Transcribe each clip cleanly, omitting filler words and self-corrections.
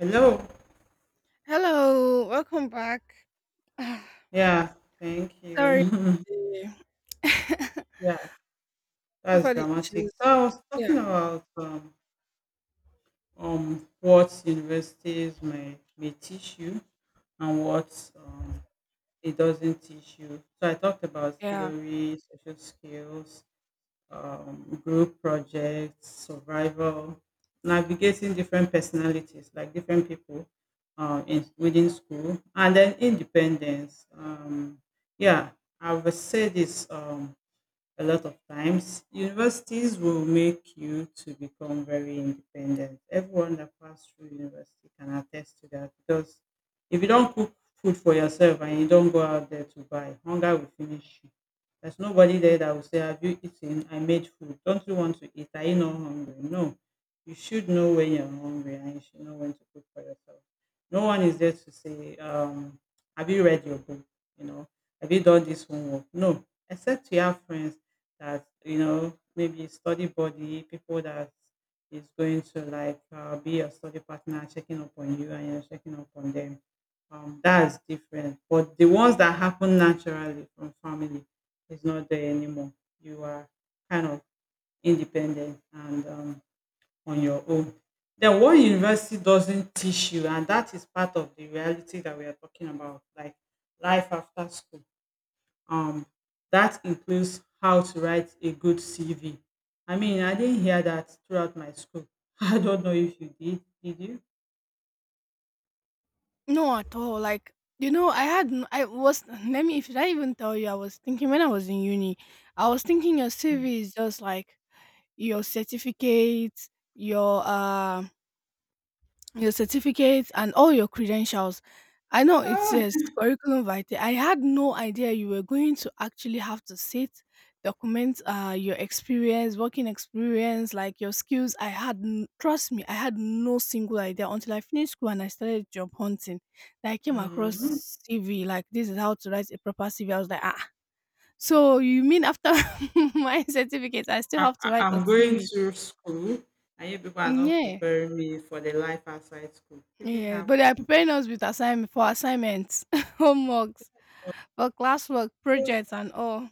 Hello. Hello, welcome back. Yeah, thank Sorry you. Yeah, that's for the dramatic. issues. So I was Yeah, talking about what universities may teach you and what um, it doesn't teach you. So I talked about yeah. theory, social skills, group projects, survival, navigating different personalities, like different people within school, and then independence. Yeah, I would say this. A lot of times universities will make you to become very independent. Everyone that passed through university can attest to that, because if you don't cook food for yourself and you don't go out there to buy, hunger will finish you. There's nobody there that will say, have you eaten, I made food, don't you want to eat, are you not hungry? No, you should know when you're hungry and you should know when to cook for yourself. No one is there to say have you read your book, you know, have you done this homework? No, except you have friends that, you know, maybe study buddy, people that is going to like be your study partner, checking up on you and you're checking up on them. That is different. But the ones that happen naturally from family is not there anymore. You are kind of independent and on your own. Then what university doesn't teach you, and that is part of the reality that we are talking about, like life after school, um that includes how to write a good CV. I mean, I didn't hear that throughout my school. I don't know if you did. Did you? No, at all. Like you know, I was let me should I even tell you? I was thinking when I was in uni, I was thinking your CV is just like your certificates, your um your certificates and all your credentials. I know it Ah, says curriculum vitae. I had no idea you were going to actually have to sit, document your experience, working experience, like your skills. Trust me, I had no single idea until I finished school and I started job hunting. Then I came Mhm. across CV, like this is how to write a proper CV. I was like, ah, so you mean after my certificate, I still I, have to I- write a I'm going CV? to school, and you people are not Yeah. preparing me for the life outside school. Isn't Yes, that but they are funny? preparing us with assignment for assignments, homeworks, for classwork, Yeah. projects, and all.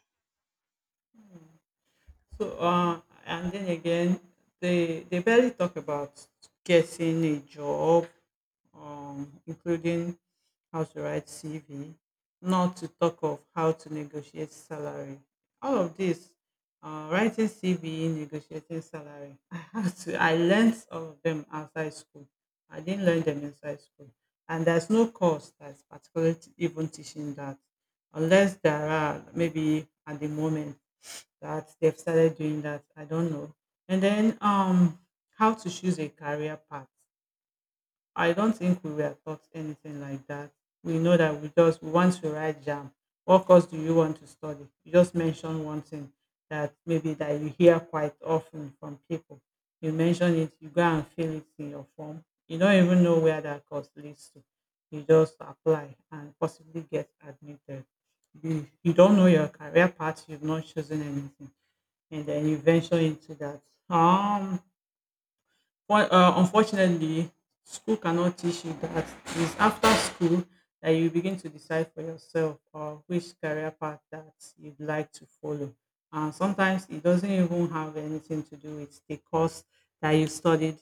So, and then again, they barely talk about getting a job, including how to write CV, not to talk of how to negotiate salary. All of this, writing CV, negotiating salary. I had to. I learned all of them outside school. I didn't learn them inside school, and there's no course that's even teaching that, unless there are maybe at the moment that they've started doing that. I don't know. And then how to choose a career path. I don't think we were taught anything like that. We know that we just we want to write jam. What course do you want to study? You just mention one thing that maybe that you hear quite often from people. You mention it, you go and fill it in your form. You don't even know where that course leads to. You just apply and possibly get admitted. You don't know your career path, you've not chosen anything. And then you venture into that. Um Unfortunately, school cannot teach you that. It's after school that you begin to decide for yourself which career path that you'd like to follow. And sometimes it doesn't even have anything to do with the course that you studied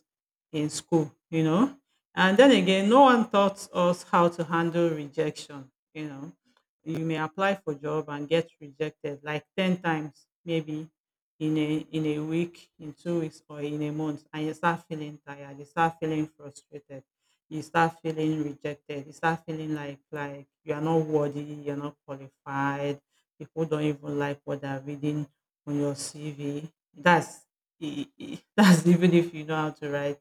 in school, you know. And then again, no one taught us how to handle rejection, you know. You may apply for job and get rejected like 10 times, maybe in a in a week, in 2 weeks, or in a month, and you start feeling tired, you start feeling frustrated, you start feeling rejected, you start feeling like you are not worthy, you're not qualified, people don't even like what they're reading on your CV. That's even if you know how to write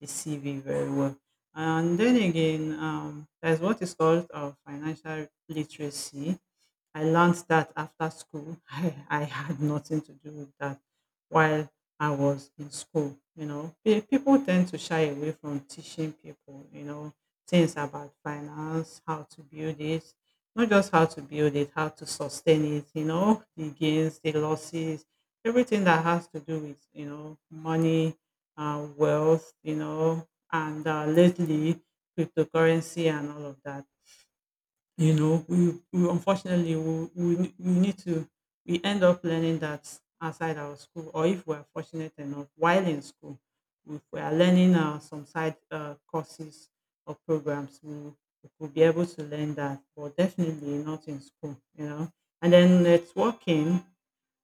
the CV very well. And then again, there's what is called financial literacy. I learned that after school. I had nothing to do with that while I was in school. You know, people tend to shy away from teaching people, you know, things about finance, how to build it, not just how to build it, how to sustain it, you know, the gains, the losses, everything that has to do with, you know, money, wealth, you know, and lately cryptocurrency and all of that. You know, we unfortunately we ne- we need to, we end up learning that outside our school, or if we're fortunate enough while in school, if we are learning some side courses or programs, we could be able to learn that, but definitely not in school. You know, and then networking.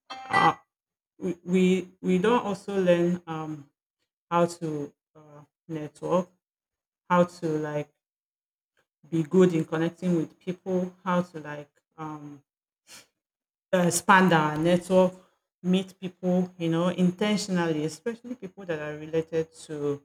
Uh, we don't also learn how to network, how to like be good in connecting with people, how to like um, expand our network, meet people, you know, intentionally, especially people that are related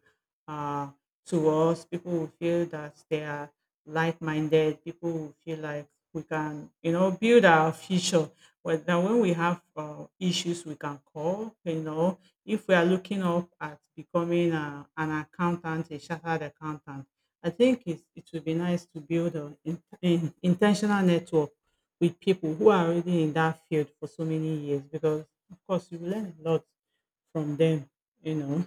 uh, to us. People who feel that they are like-minded. People who feel like we can, you know, build our future. Well, then when we have issues, we can call. You know, if we are looking up at becoming an accountant, a chartered accountant, it would be nice to build an intentional network with people who are already in that field for so many years, because of course you learn a lot from them, you know.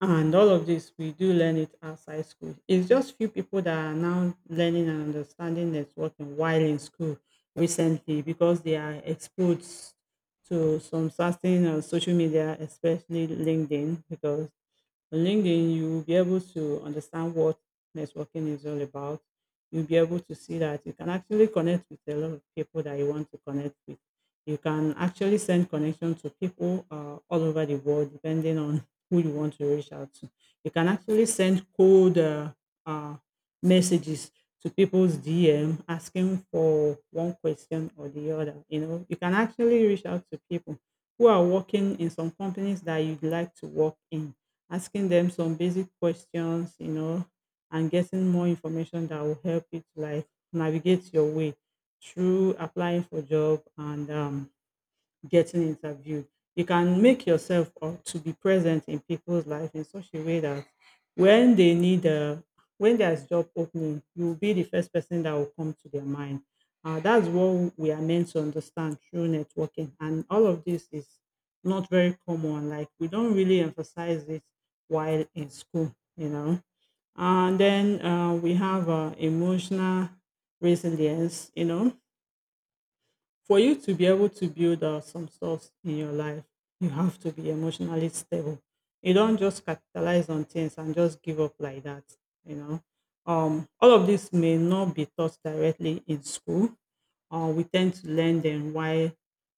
And all of this we do learn it outside school. It's just few people that are now learning and understanding networking while in school recently, because they are exposed to some certain social media, especially linkedin, because on LinkedIn, you will be able to understand what networking is all about. You'll be able to see that you can actually connect with a lot of people that you want to connect with. You can actually send connection to people all over the world, depending on who you want to reach out to. You can actually send cold uh, messages to people's DM, asking for one question or the other. You know, you can actually reach out to people who are working in some companies that you'd like to work in, asking them some basic questions, you know, and getting more information that will help you to like navigate your way through applying for job and getting interviewed. You can make yourself or to be present in people's life in such a way that when they need a when there's job opening, you will be the first person that will come to their mind. That's what we are meant to understand through networking, and all of this is not very common. Like we don't really emphasize it while in school, you know. And then we have emotional resilience, you know, for you to be able to build some stuff in your life, you have to be emotionally stable. You don't just capitalize on things and just give up like that. You know, all of this may not be taught directly in school, or we tend to learn them while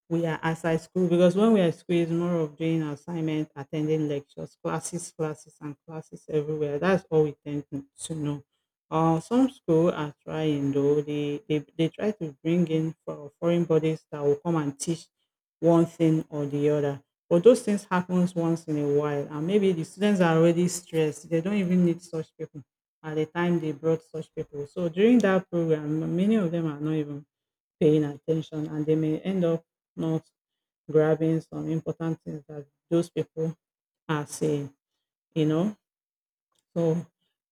we are outside school, because when we are at school it's more of doing assignment, attending lectures, classes, classes and classes everywhere. That's all we tend to know. Some school are trying, though they try to bring in for foreign bodies that will come and teach one thing or the other. But those things happens once in a while and maybe the students are already stressed. They don't even need such people at the time they brought such people. So during that program, many of them are not even paying attention and they may end up not grabbing some important things that those people are saying, you know. So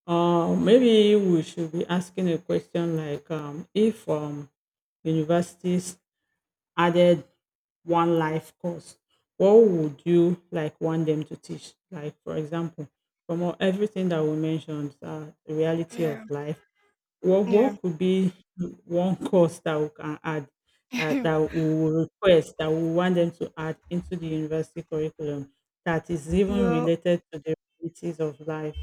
maybe we should be asking a question like if universities added one life course, what would you like want them to teach? Like for example, from all, everything that we mentioned, the reality of Yeah, life, what yeah. what could be one course that we can add, that that we will request, that we want them to add into the university curriculum that is even well, related to the realities of life?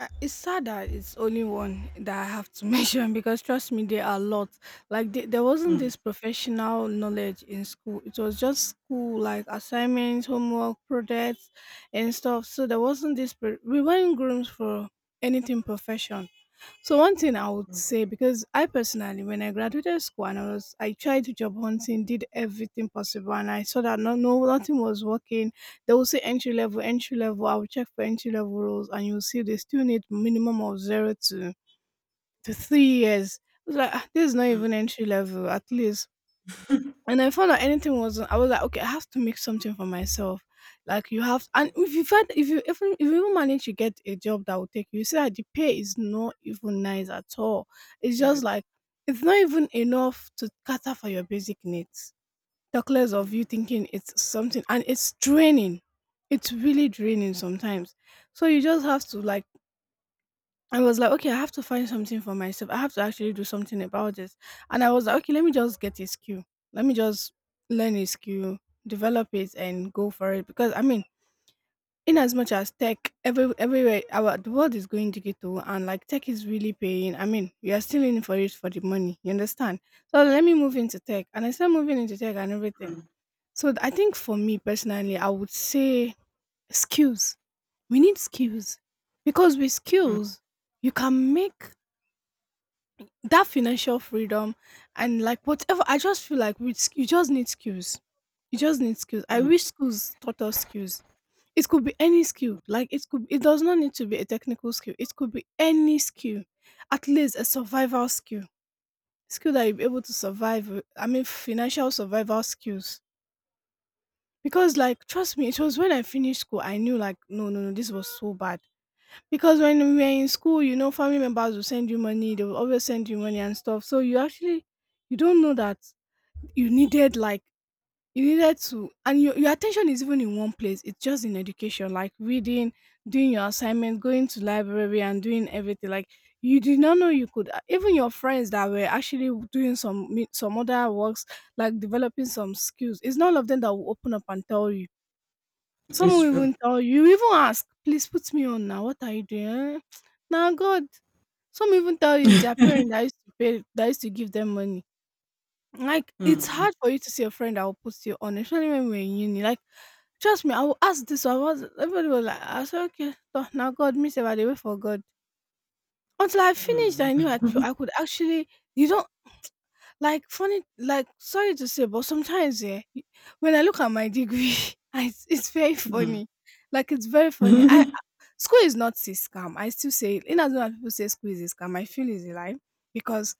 it's sad that it's only one that I have to mention because trust me, there are a lot. Like there wasn't Mm, this professional knowledge in school. It was just school like assignments, homework, projects, and stuff. So there wasn't this. We weren't groomed for anything profession. So one thing I would mm, say because I personally, when I graduated school and I was, I tried job hunting, did everything possible, and I saw that no, no, nothing was working. They will say entry level, entry level. I will check for entry level roles, and you'll see they still need minimum of zero to 3 years. I was like, "Ah, this is not mm, even entry level. At least and I found out anything wasn't. I was like, okay, I have to make something for myself. Like you have, and if you find, if you even manage to get a job that will take you, you see that the pay is not even nice at all. It's just yes. like it's not even enough to cater for your basic needs. Talkless of you Mm, thinking it's something, and it's draining. It's really draining sometimes. So you just have to like I was like, okay, I have to find something for myself. I have to actually do something about this. And I was like, okay, let me just get a skill. Let me just learn a skill, develop it, and go for it. Because I mean, in as much as tech, everywhere our the world is going digital, and like tech is really paying. I mean, we are still in for it for the money. You understand? So let me move into tech, and I started moving into tech and everything. So I think for me personally, I would say skills. We need skills because with mm, skills, you can make that financial freedom and like whatever. I just feel like you just need skills. You just need skills. I mm. wish schools taught us skills. It could be any skill. Like it could it does not need to be a technical skill. It could be any skill, at least a survival skill, skill that you'll be able to I mean financial survival skills. Because like trust me, it was when I finished school I knew like, no, no, no, this was so bad. Because when we were in school, you know, family members will send you money, they will always send you money and stuff. So you actually you don't know that you needed like you needed to. And your attention is even in one place. It's just in education, like reading, doing your assignment, going to library and doing everything. Like you did not know you could even your friends that were actually doing some other works, like developing some skills, it's not all of them that will open up and tell you. Some It's will true. even tell you, even ask, please put me on now. What are you doing? Eh, now God. Some even tell you it's their parent that used to give them money. Like it's Mm, hard for you to see a friend that will put you on, especially when we're in uni. Like, trust me, I will ask this. I was everybody was like, I said, okay, so now God, me say, by the way, for God. Until I finished, mm, I knew I, I could actually. You don't like funny, like sorry to say, but sometimes yeah, when I look at my degree, I, it's very mm. funny. Like it's very funny. I. School is not a scam. I still say it. In as much as people say school is a scam, I feel it's a lie because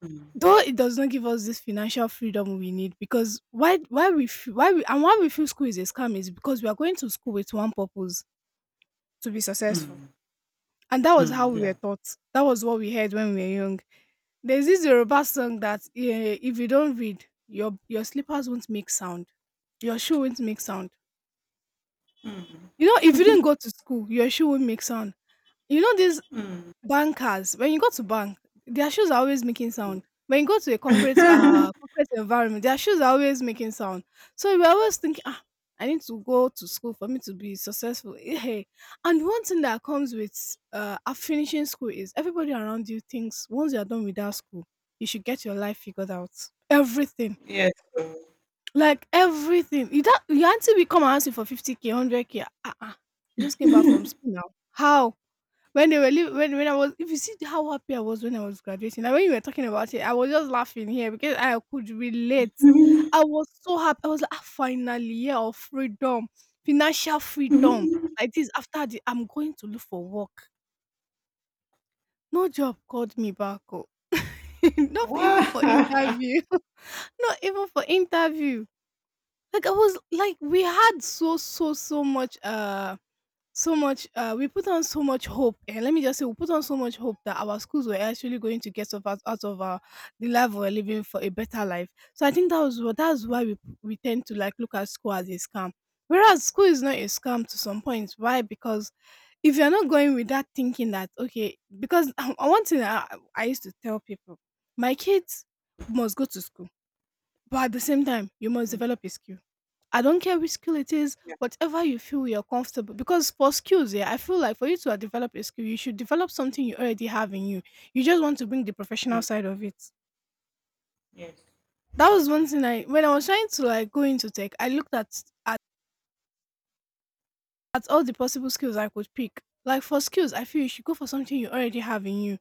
though it does not give us this financial freedom we need. Because why we feel, why we and why we feel school is a scam is because we are going to school with one purpose, to be Mm, successful, mm, and that was how mm, we were yeah. taught. That was what we heard when we were young. There's this Yoruba song that if you don't read, your slippers won't make sound, your shoe won't make sound. Mm, You know, if you didn't go to school, your shoe won't make sound. You know this. mm. Bankers, when you go to bank, their shoes are always making sound. When you go to a corporate corporate environment, their shoes are always making sound. So we always thinking, ah, I need to go to school for me to be successful. Eh, hey. And one thing that comes with finishing school is everybody around you thinks once you are done with that school, you should get your life figured out. Everything. Yes. Like everything. You don't your auntie will come and ask you for 50k, 100k. Ah, ah. You just came back from school now. How? When when I was if you see how happy I was when I was graduating, and when you were talking about it, I was just laughing here because I could relate. I was so happy. I was like, ah, finally, year of freedom, financial freedom. Like this, after the, I'm going to look for work. No job called me back. Oh. Not Wow. even for interview. Not even for interview. Like I was like we had so much we put on so much hope, and let me just say, we put on so much hope that our schools were actually going to get us out, out of our, the life we are living for a better life. So I think that was what that's why we tend to like look at school as a scam, whereas school is not a scam to some points. Why? Because if you're not going with that thinking that okay, because one thing I used to tell people, my kids must go to school, but at the same time, you must Mm, develop a skill. I don't care which skill it is, yeah. whatever you feel you're comfortable. Because for skills, yeah, I feel like for you to develop a skill, you should develop something you already have in you. You just want to bring the Mm, professional side of it. yes. That was one Exactly. thing I when I was trying to like go into tech, I looked at all the possible skills I could pick. Like for skills, I feel you should go for something you already have in you.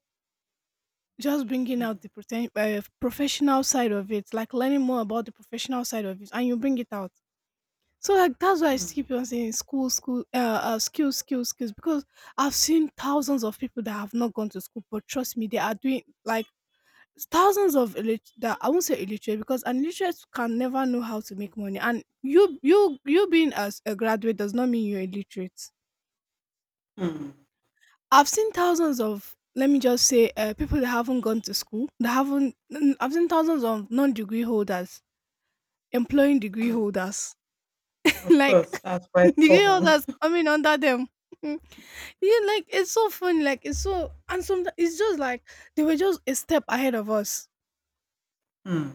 Just bringing Mm, out the pretend, professional side of it, like learning more about the professional side of it, and you bring it out. So like that's why I mm, keep on saying skills, skills, skills. Because I've seen thousands of people that have not gone to school, but trust me, they are doing like thousands of that I won't say illiterate because an illiterate can never know how to make money. And you being as a graduate does not mean you're illiterate. mm. I've seen thousands of let me just say people that haven't gone to school, that haven't. N- I've seen thousands of non-degree holders employing degree holders Of like course, that's quite the you know common. that's coming under them yeah, like it's so funny, like it's so and sometimes it's just like they were just a step ahead of us. Mm,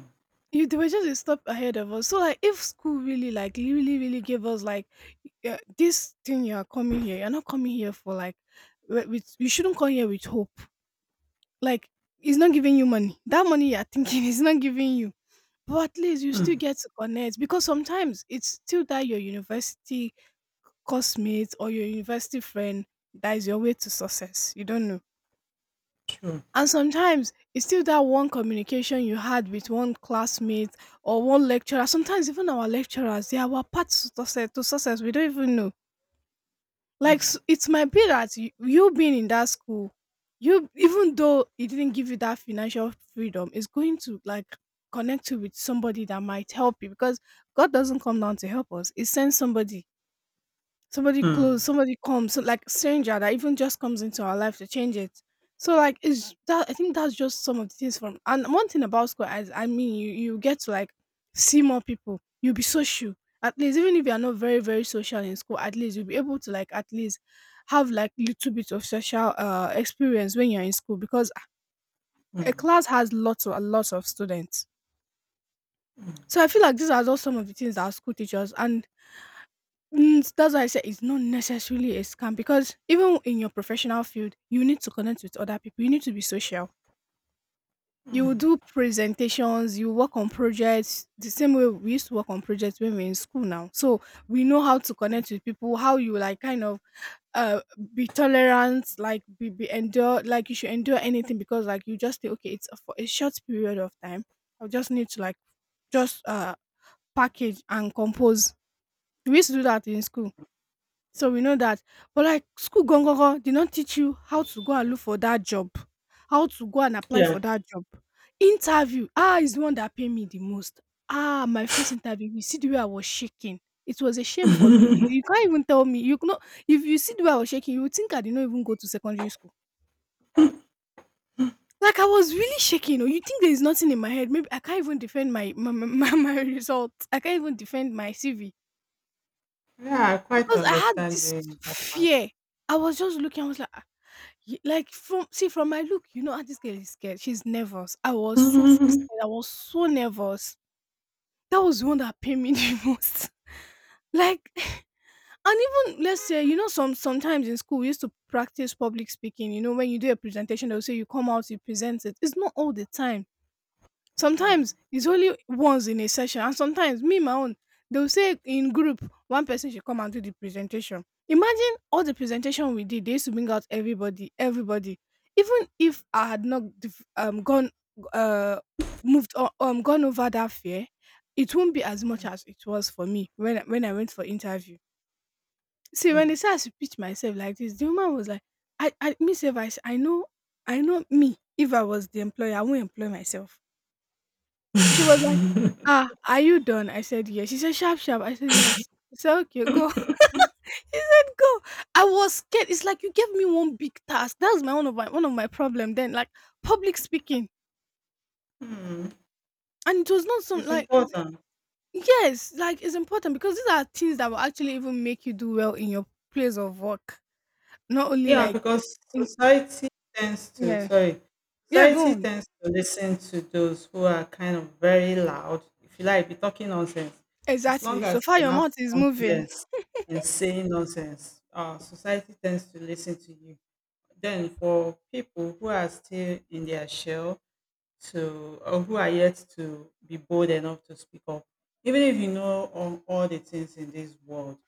You They were just a step ahead of us. So like if school really like really really gave us like yeah, this thing you are coming here you're not coming here for like with you shouldn't come here with hope. Like it's not giving you money. That money you're thinking is not giving you, but at least you still mm, get to connect because sometimes it's still that your university classmate or your university friend that is your way to success. You don't know. true. And sometimes it's still that one communication you had with one classmate or one lecturer. Sometimes even our lecturers, they are our paths to success. To success, we don't even know. Like Mm, it might be that you being in that school, you, even though it didn't give you that financial freedom, is going to like connect you with somebody that might help you, because God doesn't come down to help us, he sends somebody, somebody mm, close, somebody comes, so like stranger that even just comes into our life to change it. So like it's that, I think that's just some of the things. From And one thing about school is, I mean, you get to like see more people. You'll be social. At least even if you are not very, very social in school, at least you'll be able to like at least have like little bit of social experience when you're in school, because a mm, class has lots of students. So I feel like these are just some of the things that our school teachers. And mm, that's why I said it's not necessarily a scam, because even in your professional field, you need to connect with other people. You need to be social. You will do mm. presentations, you work on projects the same way we used to work on projects when we are in school now. So we know how to connect with people, how you like kind of uh be tolerant, like be endure, like you should endure anything, because like you just say, okay, it's for a short period of time. I just need to like just package and compose. We used to do that in school, so we know that. But like school did not teach you how to go and look for that job, how to go and apply for Yeah. that job. Interview, ah, is the one that paid me the most. Ah, my first interview, you see the way I was shaking. It was a shame for me. You can't even tell me. You know, if you see the way I was shaking, you would think I did not even go to secondary school. Like I was really shaking. Oh, you think there is nothing in my head? Maybe I can't even defend my my result. I can't even defend my CV, Yeah, I quite because I had this understanding that part. fear. I was just looking. I was like, ye like from my look, you know, "Ah, this girl is scared. She's nervous." I was so, so Mm, scared. I was so nervous. That was the one that pained me the most. Like and even let's say, you know, sometimes in school we used to practice public speaking. You know, when you do a presentation, they'll say you come out, you present it. It's not all the time. mm, Sometimes it's only once in a session, and sometimes me my own they'll say in group one person should come and do the presentation. Imagine all the presentation we did. They used to bring out everybody, everybody. Even if I had not gone uh moved on, gone over that fear, it won't be as much as it was for me when when I went for interview. See, mm. when they said I should pitch myself like this, the woman was like, I, me, self, I, I know me. If I was the employer, I won't employ myself." She was like, "Ah, are you done?" I said, "Yes." She said, "Sharp, sharp." I said, "Yes." She said, "Okay, go." He said, "Go." I was scared. It's like you gave me one big task. That was my one of my one of my problem then, like public speaking. Mm, And it was not some it's like important. yes, like it's important, because these are things that will actually even make you do well in your place of work, not only Yeah, like because in. society tends to, Yeah, sorry, yeah, go society on. tends to listen to those who are kind of very loud, if you like, be talking nonsense. As long Exactly. So as far, you your have mouth is moving. confidence in saying nonsense, society tends to listen to you. Then for people who are still in their shell to, or who are yet to be bold enough to speak up, even if you know all the things in this world,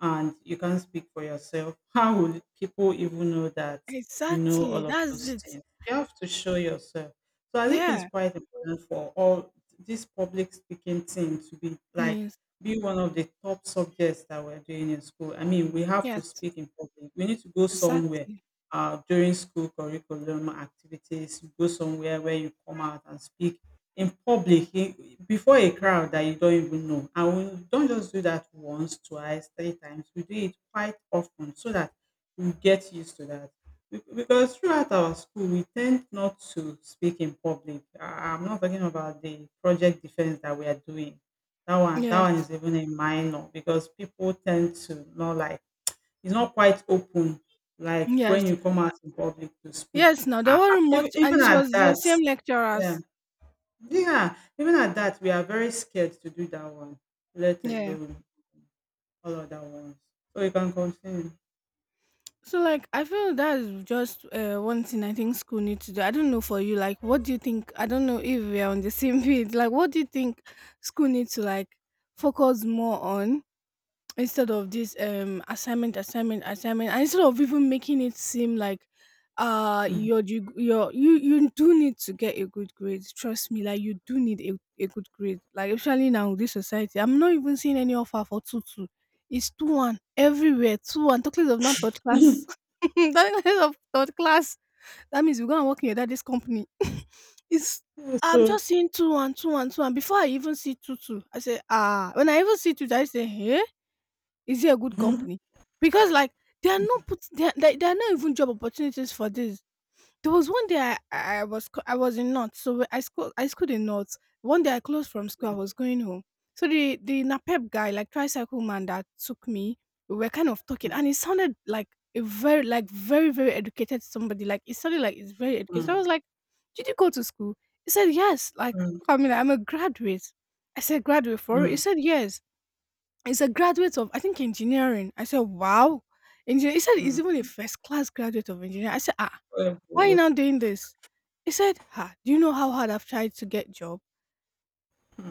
and you can't speak for yourself, how will people even know that you know Exactly, all of that's those it. things? You have to show yourself. So I think it's Yeah. quite important for all this public speaking thing to be, like Yes. be one of the top subjects that we're doing in school. I mean, we have to Yes. speak in public. We need to go somewhere Exactly. During school curriculum activities. Go somewhere where you come out and speak in public e before a crowd that you don't even know, and we don't just do that once, twice, three times. We do it quite often, so that we get used to that. Because throughout our school we tend not to speak in public. I'm not talking about the project defense that we are doing. That one that one Yes. is even a minor, because people tend to not, like, it's not quite open, like when Yes, you come out in public to speak. yes. Now there I, I, were even, much, and even it at was your that, same yeah. lecturers. Yeah, even at that, we are very scared to do that one, let Yeah. alone all other ones. So you can continue. So like, I feel that's just one thing I think school needs to do. I don't know for you, like, what do you think? I don't know if we are on the same page. Like, what do you think school needs to like focus more on? Instead of this assignment, and instead of even making it seem like Mm. You do need to get a good grade, trust me, like you do need a good grade, like especially now with this society. I'm not even seeing any offer for two two, it's two one everywhere, 2:1, talking of not touch class, talking of third class, that means you're gonna work in your daddy's company. It's, I'm So, just seeing 2:1, 2:1, 2:1. Before I even see two two, I say ah. When I even see two, two, I say hey, is he a good mm, company? Because like they are not put there, are not even job opportunities for this. There was one day I was in North, so I schooled in North. One day I closed from school, I was going home. So the Napep guy, like tricycle man that took me, we were kind of talking, mm, and it sounded like a very, like very, very educated somebody. Like it sounded like it's very educated. So I mm, was like, "Did you go to school?" He said, "Yes. Like mm, I mean, I'm a graduate." I said, "Graduate for real?" He mm, said, "Yes." He's a graduate of, I think, engineering. I said, wow. Engineer, he said he's even a mm. first class graduate of engineering. I said, ah, Well, why are you well, now doing this? He said, ha, do you know how hard I've tried to get job?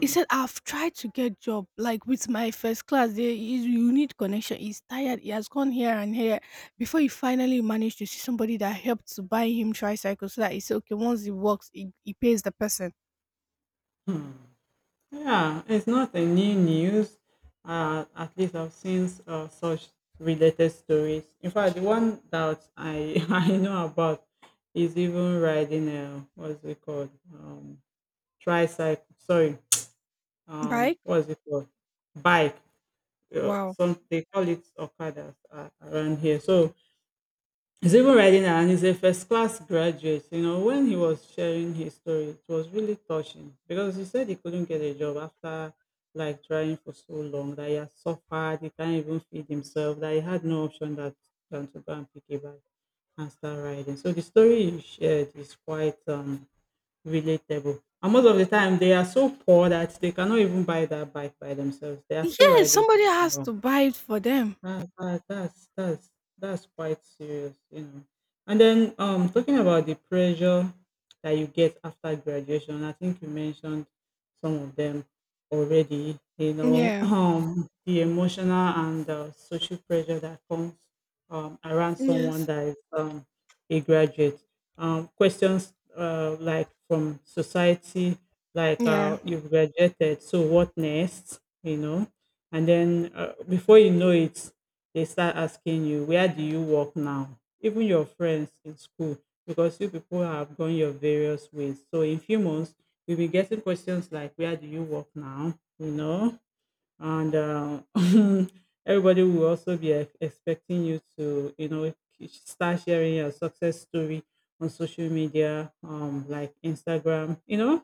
He said, I've tried to get job like with my first class. There is, you need connection. He's tired. He has gone here and here before he finally managed to see somebody that helped to buy him tricycle, so that he said, okay, once he works, he pays the person. mm. Yeah, it's not a new news. At least I've seen such related stories. In fact, the one that I I know about is even riding a what's it called, um, tricycle. Sorry, um, Right? what is it called, bike, Wow. some they call it okada around here. So he's even riding around. He's a first class graduate. You know, when he was sharing his story, it was really touching, because he said he couldn't get a job after like trying for so long, that he had suffered, he can't even feed himself, that he had no option that than to go and pick a bike and start riding. So the story you shared is quite um, relatable. And most of the time, they are so poor that they cannot even buy that bike by themselves. They are still Yeah, riding. somebody has to buy it for them. That's that's quite serious, you know. And then um, talking about the pressure that you get after graduation, I think you mentioned some of them already, you know, Yeah. um, the emotional and social pressure that comes um, around someone Yes. that is um, a graduate. Um, questions uh, like from society, like Yeah. uh, you've graduated, so what next? You know, and then before you know it, they start asking you where do you work now, even your friends in school, because you people have gone your various ways. So in few months we will be getting questions like where do you work now, you know. And everybody will also be expecting you to, you know, start sharing your success story on social media, like instagram, you know.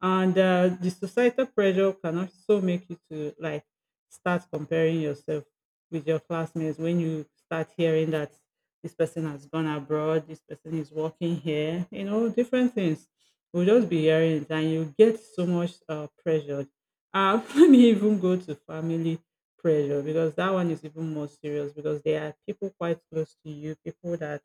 And the societal pressure can also make you to like start comparing yourself with your classmates, when you start hearing that this person has gone abroad, this person is working here, you know, different things. We'll just be hearing it, and you get so much pressure. I wouldn't even go to family pressure, because that one is even more serious, because there are people quite close to you, people that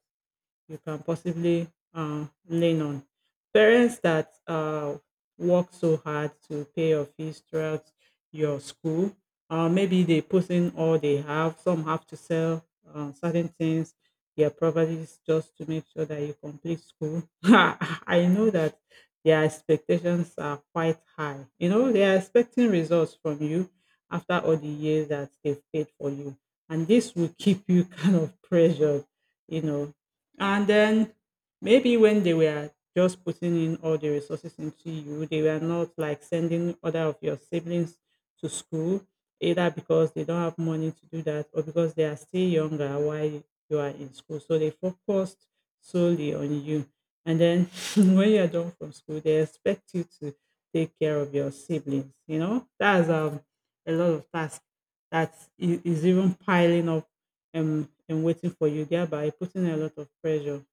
you can possibly lean on. Parents that work so hard to pay your fees throughout your school, maybe they put in all they have. Some have to sell certain things, their properties, just to make sure that you complete school. I know that their expectations are quite high. You know, they are expecting results from you after all the years that they've paid for you. And this will keep you kind of pressured, you know, yeah. And then maybe when they were just putting in all the resources into you, they were not like sending other of your siblings to school, either because they don't have money to do that, or because they are still younger while you are in school. So they focused solely on you. And then when you are done from school, they expect you to take care of your siblings. You know, that's a lot of tasks that is even piling up and waiting for you, thereby putting a lot of pressure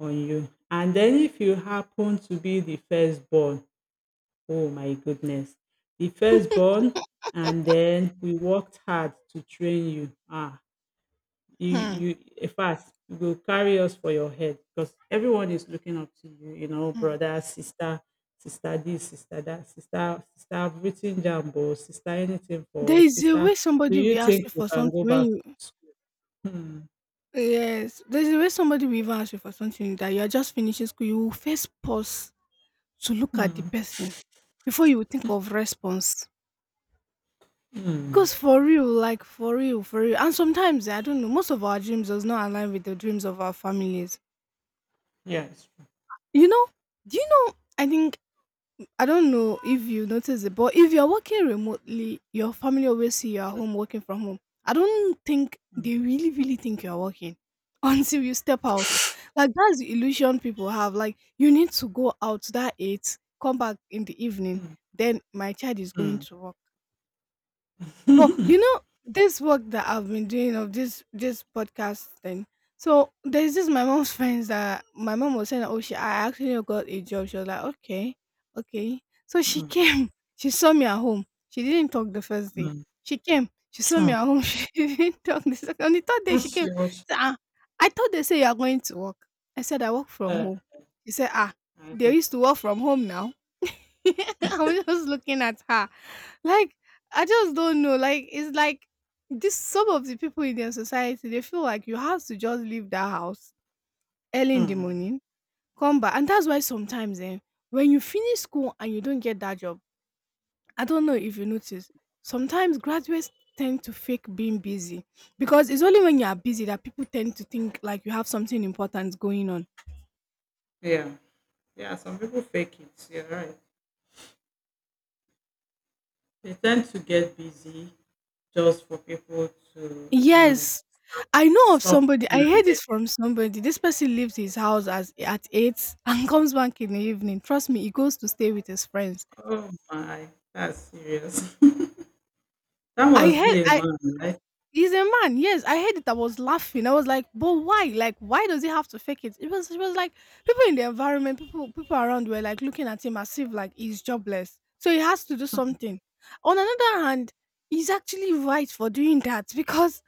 on you. And then if you happen to be the firstborn, oh my goodness, the firstborn, and then we worked hard to train you. Ah, you, Hmm, you, in fact, you will carry us for your head, because everyone is looking up to you, you know, hmm. brother, sister, sister this, sister that, sister, sister, I've written jumbo, sister, anything for There us, is a sister. way Do somebody you will ask think you you for can go something when back you. to school? Hmm. Yes, there's a way somebody will even ask you for something that you are just finishing school. You will first pause to look at the Hmm. person before you will think of response. Mm, Because for real, like for real, and sometimes I don't know, most of our dreams does not align with the dreams of our families. yes. You know? Do you know? I think, I don't know if you notice it, but if you're working remotely, your family always see you at home working from home. I don't think they Mm, really, really think you're working until you step out. Like that's the illusion people have. Like you need to go out that eight, come back in the evening, mm, then my child is going mm. to work. But you know, this work that I've been doing of this podcast thing. So there's this my mom's friends that my mom was saying, oh, she, I actually got a job. She was like, okay, okay. So she Mm, came. She saw me at home. She didn't talk the first day. mm, She came. She saw me at mm. home. She didn't talk the second. On the third day, she That's came. yours. She said, ah, I thought they say you are going to work. I said I work from Uh, home. She said, ah, I know. they used to work from home now. I'm just looking at her. Like, I just don't know. Like, it's like this, some of the people in their society, they feel like you have to just leave that house early in the Mm, morning, come back. And that's why sometimes eh, when you finish school and you don't get that job, I don't know if you notice, sometimes graduates tend to fake being busy, because it's only when you are busy that people tend to think like you have something important going on. yeah. Yeah, some people fake it. You're right. They tend to get busy just for people to, you know, Yes, I know of stop somebody. looking I at heard it them. from somebody. This person leaves his house as at eight and comes back in the evening. Trust me, he goes to stay with his friends. Oh my, that's serious. That I must be a heard. man, right? He's a man. Yes, I heard it. I was laughing. I was like, but why? Like, why does he have to fake it? It was like people in the environment, people around were like looking at him as if like he's jobless. So he has to do something. On another hand, he's actually right for doing that because,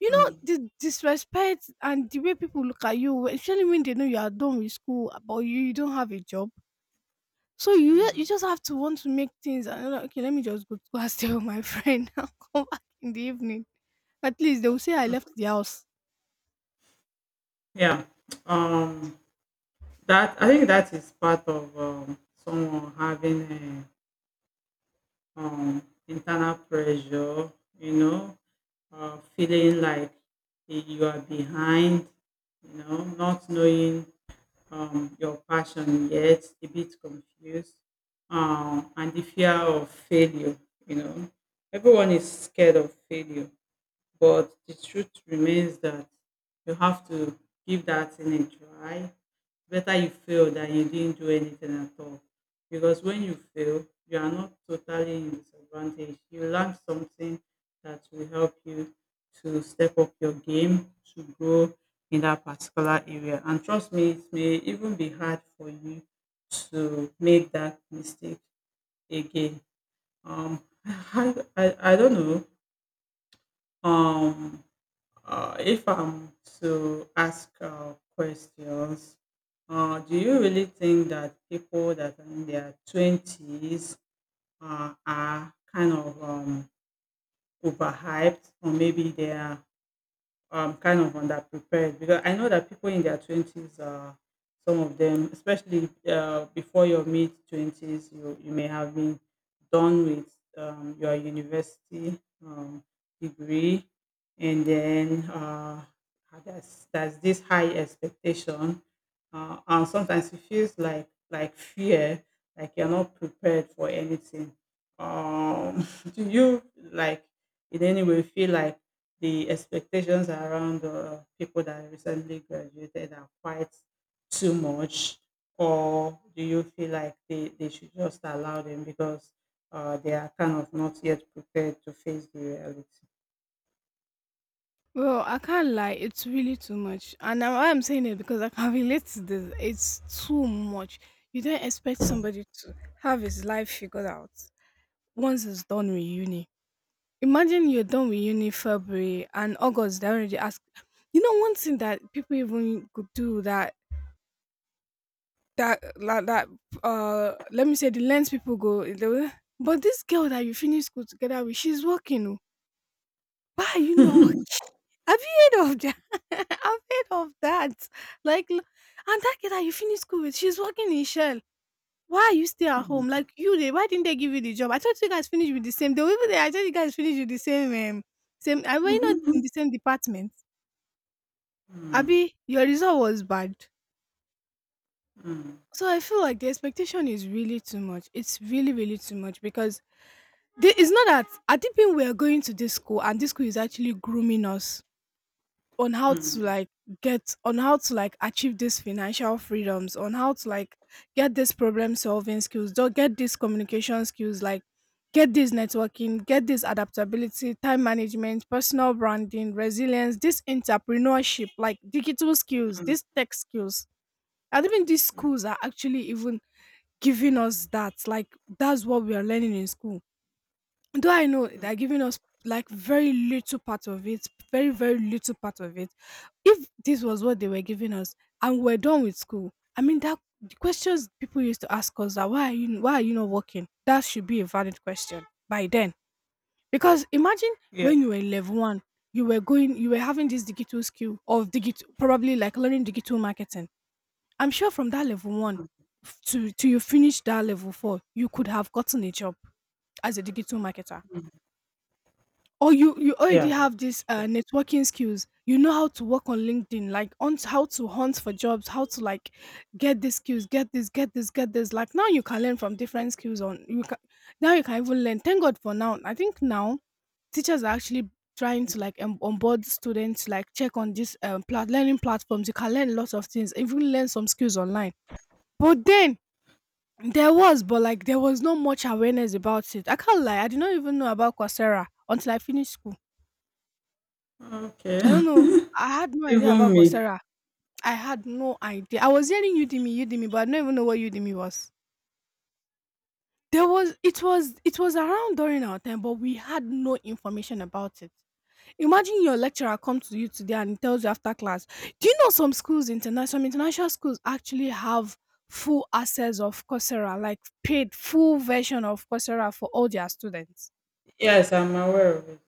Mm, the disrespect and the way people look at you, especially when they know you are done with school, but you don't have a job. So you just have to want to make things and you're like, okay, let me just go to go and stay with my friend. I'll come back in the evening. At least they will say I left the house. yeah. Um, that, I think that is part of someone having um, internal pressure, you know, feeling like you are behind, you know, not knowing your passion yet, a bit confused, and the fear of failure, you know. Everyone is scared of failure. But the truth remains that you have to give that thing a try. Better you fail than you didn't do anything at all. Because when you fail, you are not totally in disadvantage. You learn something that will help you to step up your game, to grow in that particular area. And trust me, it may even be hard for you to make that mistake again. I don't know. Um, if I'm to ask questions, do you really think that people that are in their 20s are kind of overhyped, or maybe they are kind of underprepared? Because I know that people in their 20s are, some of them, especially before your mid 20s, you, you may have been done with your university um, degree, and then there's this high expectation, and sometimes it feels like fear, like you're not prepared for anything. Um, do you like in any way feel like the expectations around people that recently graduated are quite too much, or do you feel like they should just allow them, because they are kind of not yet prepared to face the reality? Well, I can't lie, it's really too much. And now I'm saying it because I can relate to this. It's too much. You don't expect somebody to have his life figured out once it's done with uni. Imagine you're done with uni February and August, they already ask. One thing that people even could do that, that like that, let me say the lens people go, they will, but this girl that you finish school together with, she's working. Oh. Why are you not working? Have you heard of that? I've heard of that. Like and that girl that you finish school with, she's working in Shell. Why are you still at home? Like you they why didn't they give you the job? I thought you guys finished with the same. They were even there, I thought you guys finished with the same same. I were you not in the same department. Mm, mm, Abby, your result was bad. mm, So I feel like the expectation is really too much. It's really, really too much because they, it's not that I did think we are going to this school, and this school is actually grooming us on how to mm, like get, on how to like achieve these financial freedoms, on how to like get these problem solving skills, don't get these communication skills, like get this networking, get this adaptability, time management, personal branding, resilience, this entrepreneurship, like digital skills, these mm. tech skills. And even these schools are actually even giving us that. Like that's what we are learning in school, though I know they're giving us like very little part of it, very, very little part of it. If this was what they were giving us and we're done with school, I mean that the questions people used to ask us that why are you not working? That should be a valid question by then. Because imagine Yeah, when you were level one, you were going you were having this digital skill of digital, probably like learning digital marketing. I'm sure from that level one, to you finish that level four, you could have gotten a job as a digital marketer, or you already yeah, yeah. have these networking skills. You know how to work on LinkedIn, like on how to hunt for jobs, how to like get these skills, get this, get this, get this. Like now you can learn from different skills on, you can now you can even learn. Thank God for now. I think now teachers are actually trying to like onboard students, like check on these learning platforms. You can learn lots of things, even learn some skills online. But then but like there was not much awareness about it. I can't lie, I did not even know about Coursera until I finished school. Okay. I don't know. I had no idea Even about me. Coursera. I had no idea. I was hearing Udemy, Udemy, but I don't even know what Udemy was. There was it was around during our time, but we had no information about it. Imagine your lecturer comes to you today and he tells you after class, do you know some schools international some international schools actually have full access of Coursera, like paid full version of Coursera for all their students. Yes, I'm aware of it.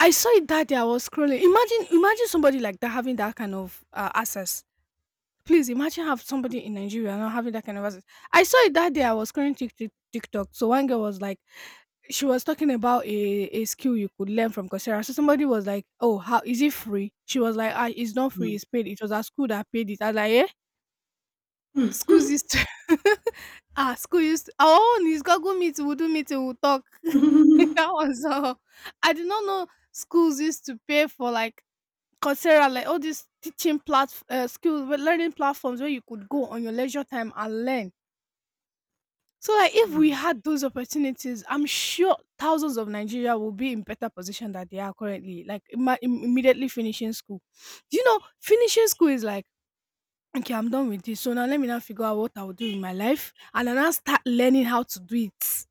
I saw it that day. I was scrolling. Imagine somebody like that having that kind of access. Please imagine have somebody in Nigeria not having that kind of access. I saw it that day. I was scrolling TikTok. So one girl was like, she was talking about a skill you could learn from Coursera. So somebody was like, "Oh, how is it free?" She was like, "Ah, it's not free. Mm. It's paid. It was our school that paid it." I was like, "Eh, schools used to, ah, school used to, our own is Google Meet. We'll do meeting. We'll talk." That Mm, was all. I did not know schools used to pay for like Coursera, like all these teaching plat learning platforms where you could go on your leisure time and learn. So like if we had those opportunities, I'm sure thousands of Nigeria will be in better position that they are currently, like immediately finishing school. You know, finishing school is like, okay, I'm done with this. So now let me now figure out what I will do in my life, and then I'll start learning how to do it.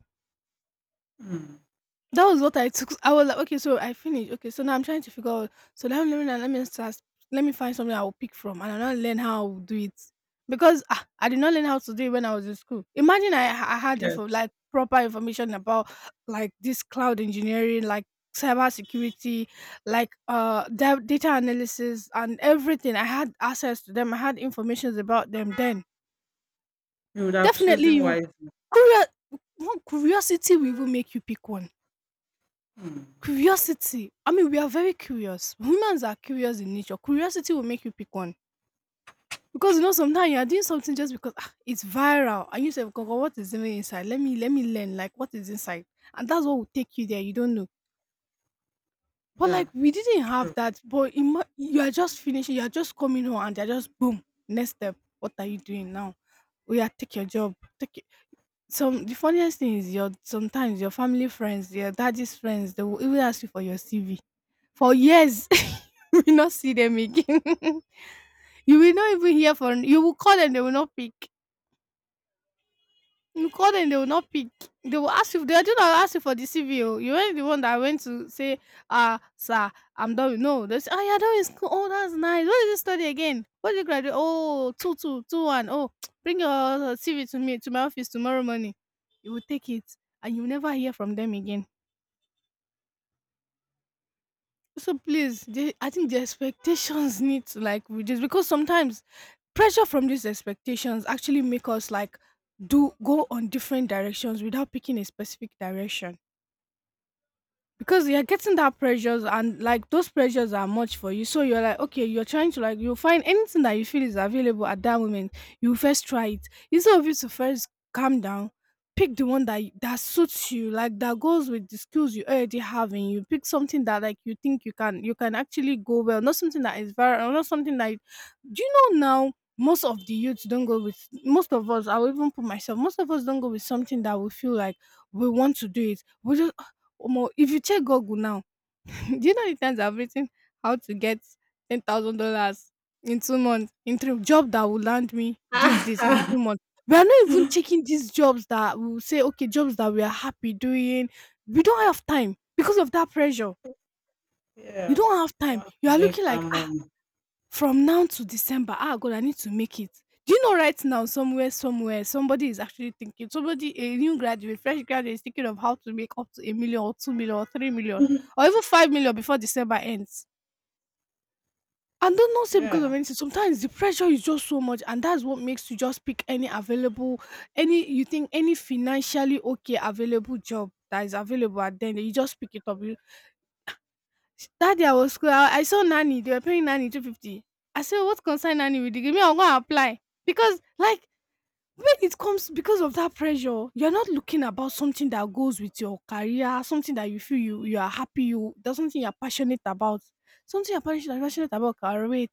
mm. That was what I took. I was like, okay, so I finished. Okay, so now I'm trying to figure out. So let me let me start. Let me find something I will pick from, and I'll not learn how to do it because ah, I did not learn how to do it when I was in school. Imagine I had info, Yes, like proper information about like this cloud engineering, like cyber security, like data analysis and everything. I had access to them. I had information about them. Then you would have definitely chosen you wisely. curious. Curiosity will even make you pick one. Mm. Curiosity. I mean, we are very curious. Humans are curious in nature. Curiosity will make you pick one. Because you know, sometimes you are doing something just because ah, it's viral, and you say, "Gogo, what is even inside? Let me learn. Like, what is inside?" And that's what will take you there. You don't know. But Yeah. like, we didn't have that. But you are just finishing. You are just coming home, and they're just boom. Next step. What are you doing now? Oh yeah, take your job. Take it. Some The funniest thing is your sometimes your family friends, your daddy's friends, they will even ask you for your CV for years. You will not see them again. You will not even hear from. You will call and they will not pick. You call and they will not pick. They will ask you. They are not ask you for the CV. Oh. You weren't the one that went to say, "Ah, sir, I'm done." with-" No, they say, "Oh, you're done with school. Oh, that's nice. What did you study again? What did you graduate? Oh, two, two, two, one. Oh, bring your CV to me, to my office tomorrow morning. You will take it, and you will never hear from them again. So please, they, I think the expectations need to like reduce because sometimes pressure from these expectations actually make us like do, go on different directions without picking a specific direction, because you're getting that pressures, and like those pressures are much for you, so you're like, okay, you're trying to like, you'll find anything that you feel is available at that moment. You first try it instead of you to first calm down, pick the one that that suits you, like that goes with the skills you already have, and you pick something that like you think you can, you can actually go well, not something that is very, not something that, do you know now most of the youths don't go with, most of us, I will even put myself, most of us don't go with something that we feel like we want to do it. We just, Omo, if you check Google now, do you know the times I've written how to get $10,000 in 2 months, in 3 job that will land me this, this in Ah, 2 months. We are not even checking these jobs that we will say, okay, jobs that we are happy doing. We don't have time because of that pressure. You yeah, don't have you time. want You to are make looking that like, ah, money. from now to December, ah God, I need to make it. Do you know right now somewhere, somewhere, somebody is actually thinking, somebody, a new graduate, fresh graduate is thinking of how to make up to a million or 2 million or 3 million or even 5 million before December ends. And don't not say because of Yeah. anything. Sometimes the pressure is just so much, and that's what makes you just pick any available, any you think any financially okay available job that is available, and then you just pick it up. Sh That day I was school I saw nanny, they were paying nanny 250. I said, "What concern nanny with the game? Me, I'm gonna apply. Because like when it comes because of that pressure, you're not looking about something that goes with your career, something that you feel you are happy, you that's something you're passionate about. Something you're passionate about can wait.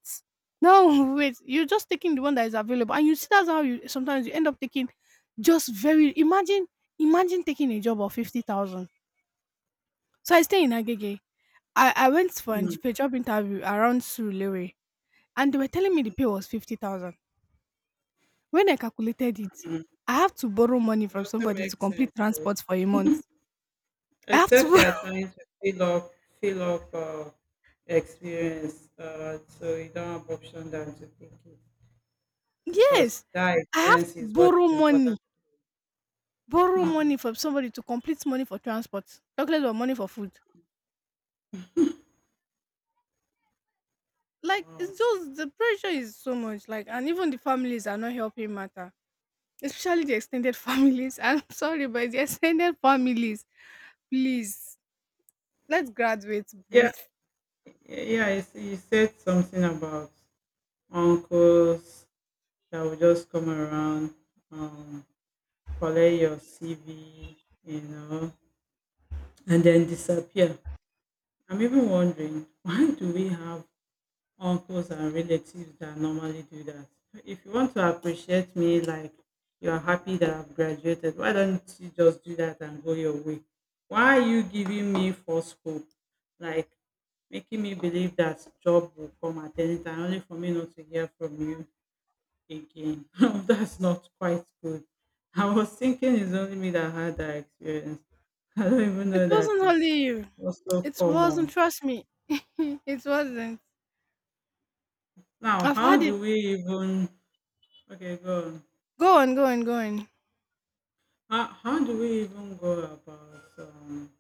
No, wait, you're just taking the one that is available. And you see that's how you sometimes you end up taking just very imagine imagine taking a job of 50,000. So I stay in Agege. I went for a Mhm. Job interview around Surulere, and they were telling me the pay was 50,000. When I calculated it, It I have to borrow money from also somebody to makes complete sense though. transport for a month. I have to Except you borrow, are trying to fill up experience so you don't have option than to take it, because yes, that I have to experience is what is important. Borrow Mm. money from somebody to complete money for transport, talking about money for food. Wow. It's just the pressure is so much. Like, and even the families are not helping matter, especially the extended families. I'm sorry, but the extended families, please, let graduates Yeah, breathe. yeah, yeah, you see, you said something about uncles that will just come around, um, collect your CV, you know, and then disappear. I'm even wondering why do we have uncles and relatives that normally do that? If you want to appreciate me, like you're happy that I've graduated, why don't you just do that and go your way? Why are you giving me false hope? Like making me believe that job will come at any time, only for me not to hear from you again. That's not quite good. I was thinking it's only me that had that experience. I don't even It know that wasn't is only you. also It wasn't. common. Trust me, it wasn't. Now, I've how had it. do we even Okay, go on? Go on, go on, go on. How do we even go about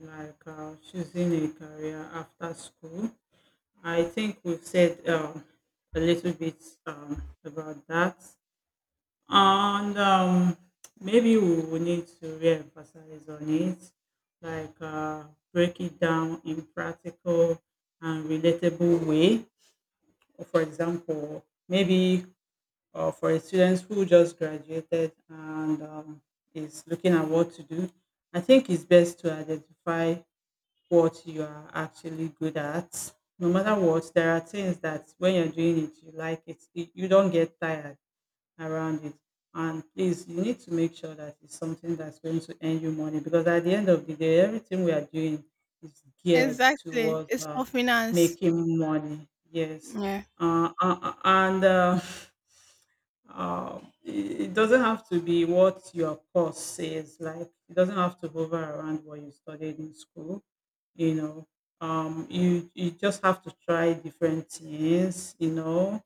like choosing a career after school? I think we've said a little bit about that, and maybe we will need to re-emphasize on it, like break it down in practical and relatable way. For example, maybe for a student who just graduated and is looking at what to do, I think it's best to identify what you are actually good at. No matter what, there are things that when you're doing it, you like it. You don't get tired around it. And please, you need to make sure that it's something that's going to earn you money, because at the end of the day, everything we are doing is geared Exactly. towards It's for finance. making money. Yes. Yeah. And it, it doesn't have to be what your course says, like, it doesn't have to hover around what you studied in school, you know. You, you just have to try different things, you know,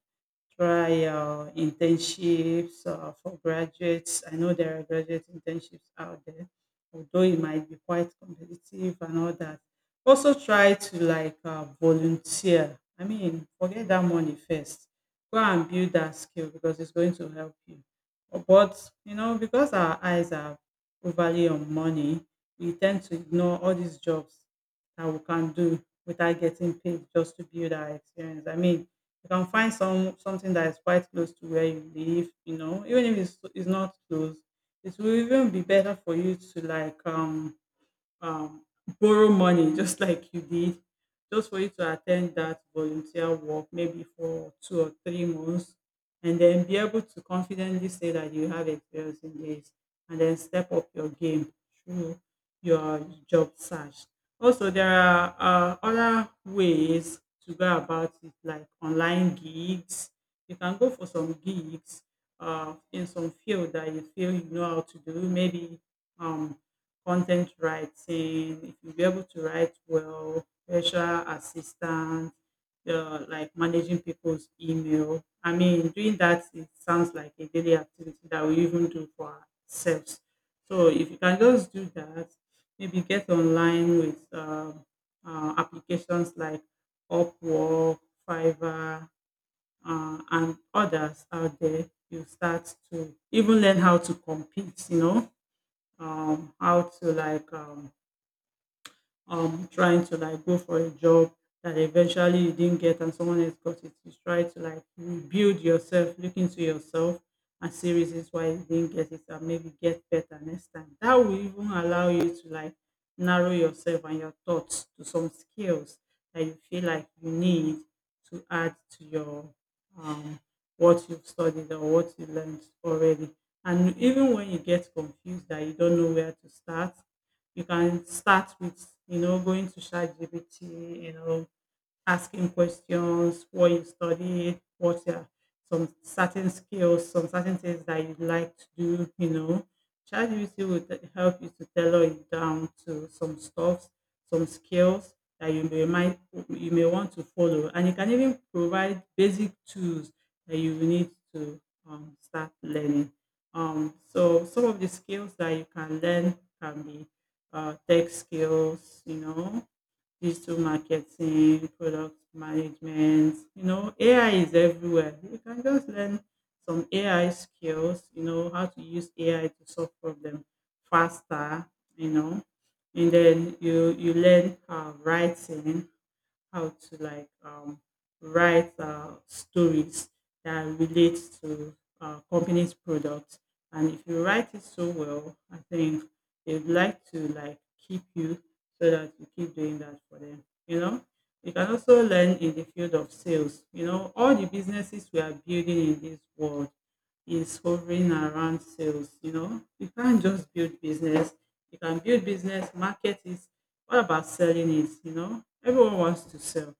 trial internships for graduates. I know there are graduate internships out there, although it might be quite competitive and all that. Also, try to like volunteer. I mean, forget that money first. Go and build that skill because it's going to help you. But you know, because our eyes are overly on money, we tend to ignore all these jobs that we can do without getting paid just to build our experience. I mean, you can find something that is quite close to where you live, even if it's not close, it will even be better for you to like um, borrow money just like you did just for you to attend that volunteer work maybe for 2 or 3 months and then be able to confidently say that you have experience in this and then step up your game through your job search. Also, there are other ways to go about it, like online gigs. You can go for some gigs in some field that you feel you know how to do. Maybe um, content writing, if you'll be able to write well, virtual assistant, like managing people's email. I mean, doing that, it sounds like a daily activity that we even do for ourselves. So if you can just do that, maybe get online with applications like Upwork, Fiverr, and others out there. You start to even learn how to compete, how to like trying to like go for a job that eventually you didn't get and someone else got it. You try to like rebuild yourself, look into yourself and see reasons why you didn't get it and maybe get better next time. That will even allow you to like narrow yourself and your thoughts to some skills that you feel like you need to add to your um what you've studied or what you learned already. And even when you get confused that you don't know where to start, you can start with, going to ChatGPT, asking questions, what you studied, what are some certain skills, some certain things that you like to do. ChatGPT will help you to tailor it down to some stuff, some skills that you may want to follow, and it can even provide basic tools that you will need to start learning. So some of the skills that you can learn can be tech skills, digital marketing, product management. You know, AI is everywhere. You can just learn some AI skills, how to use AI to solve problems faster, you know. And then you learn writing, how to like write stories that relate to company's products. And if you write it so well, I think they'd like to like keep you so that you keep doing that for them. You know, you can also learn in the field of sales. You know, all the businesses we are building in this world is hovering around sales. You know, you can't just build business. You can build business, market it, what about selling it, you know? Everyone wants to sell.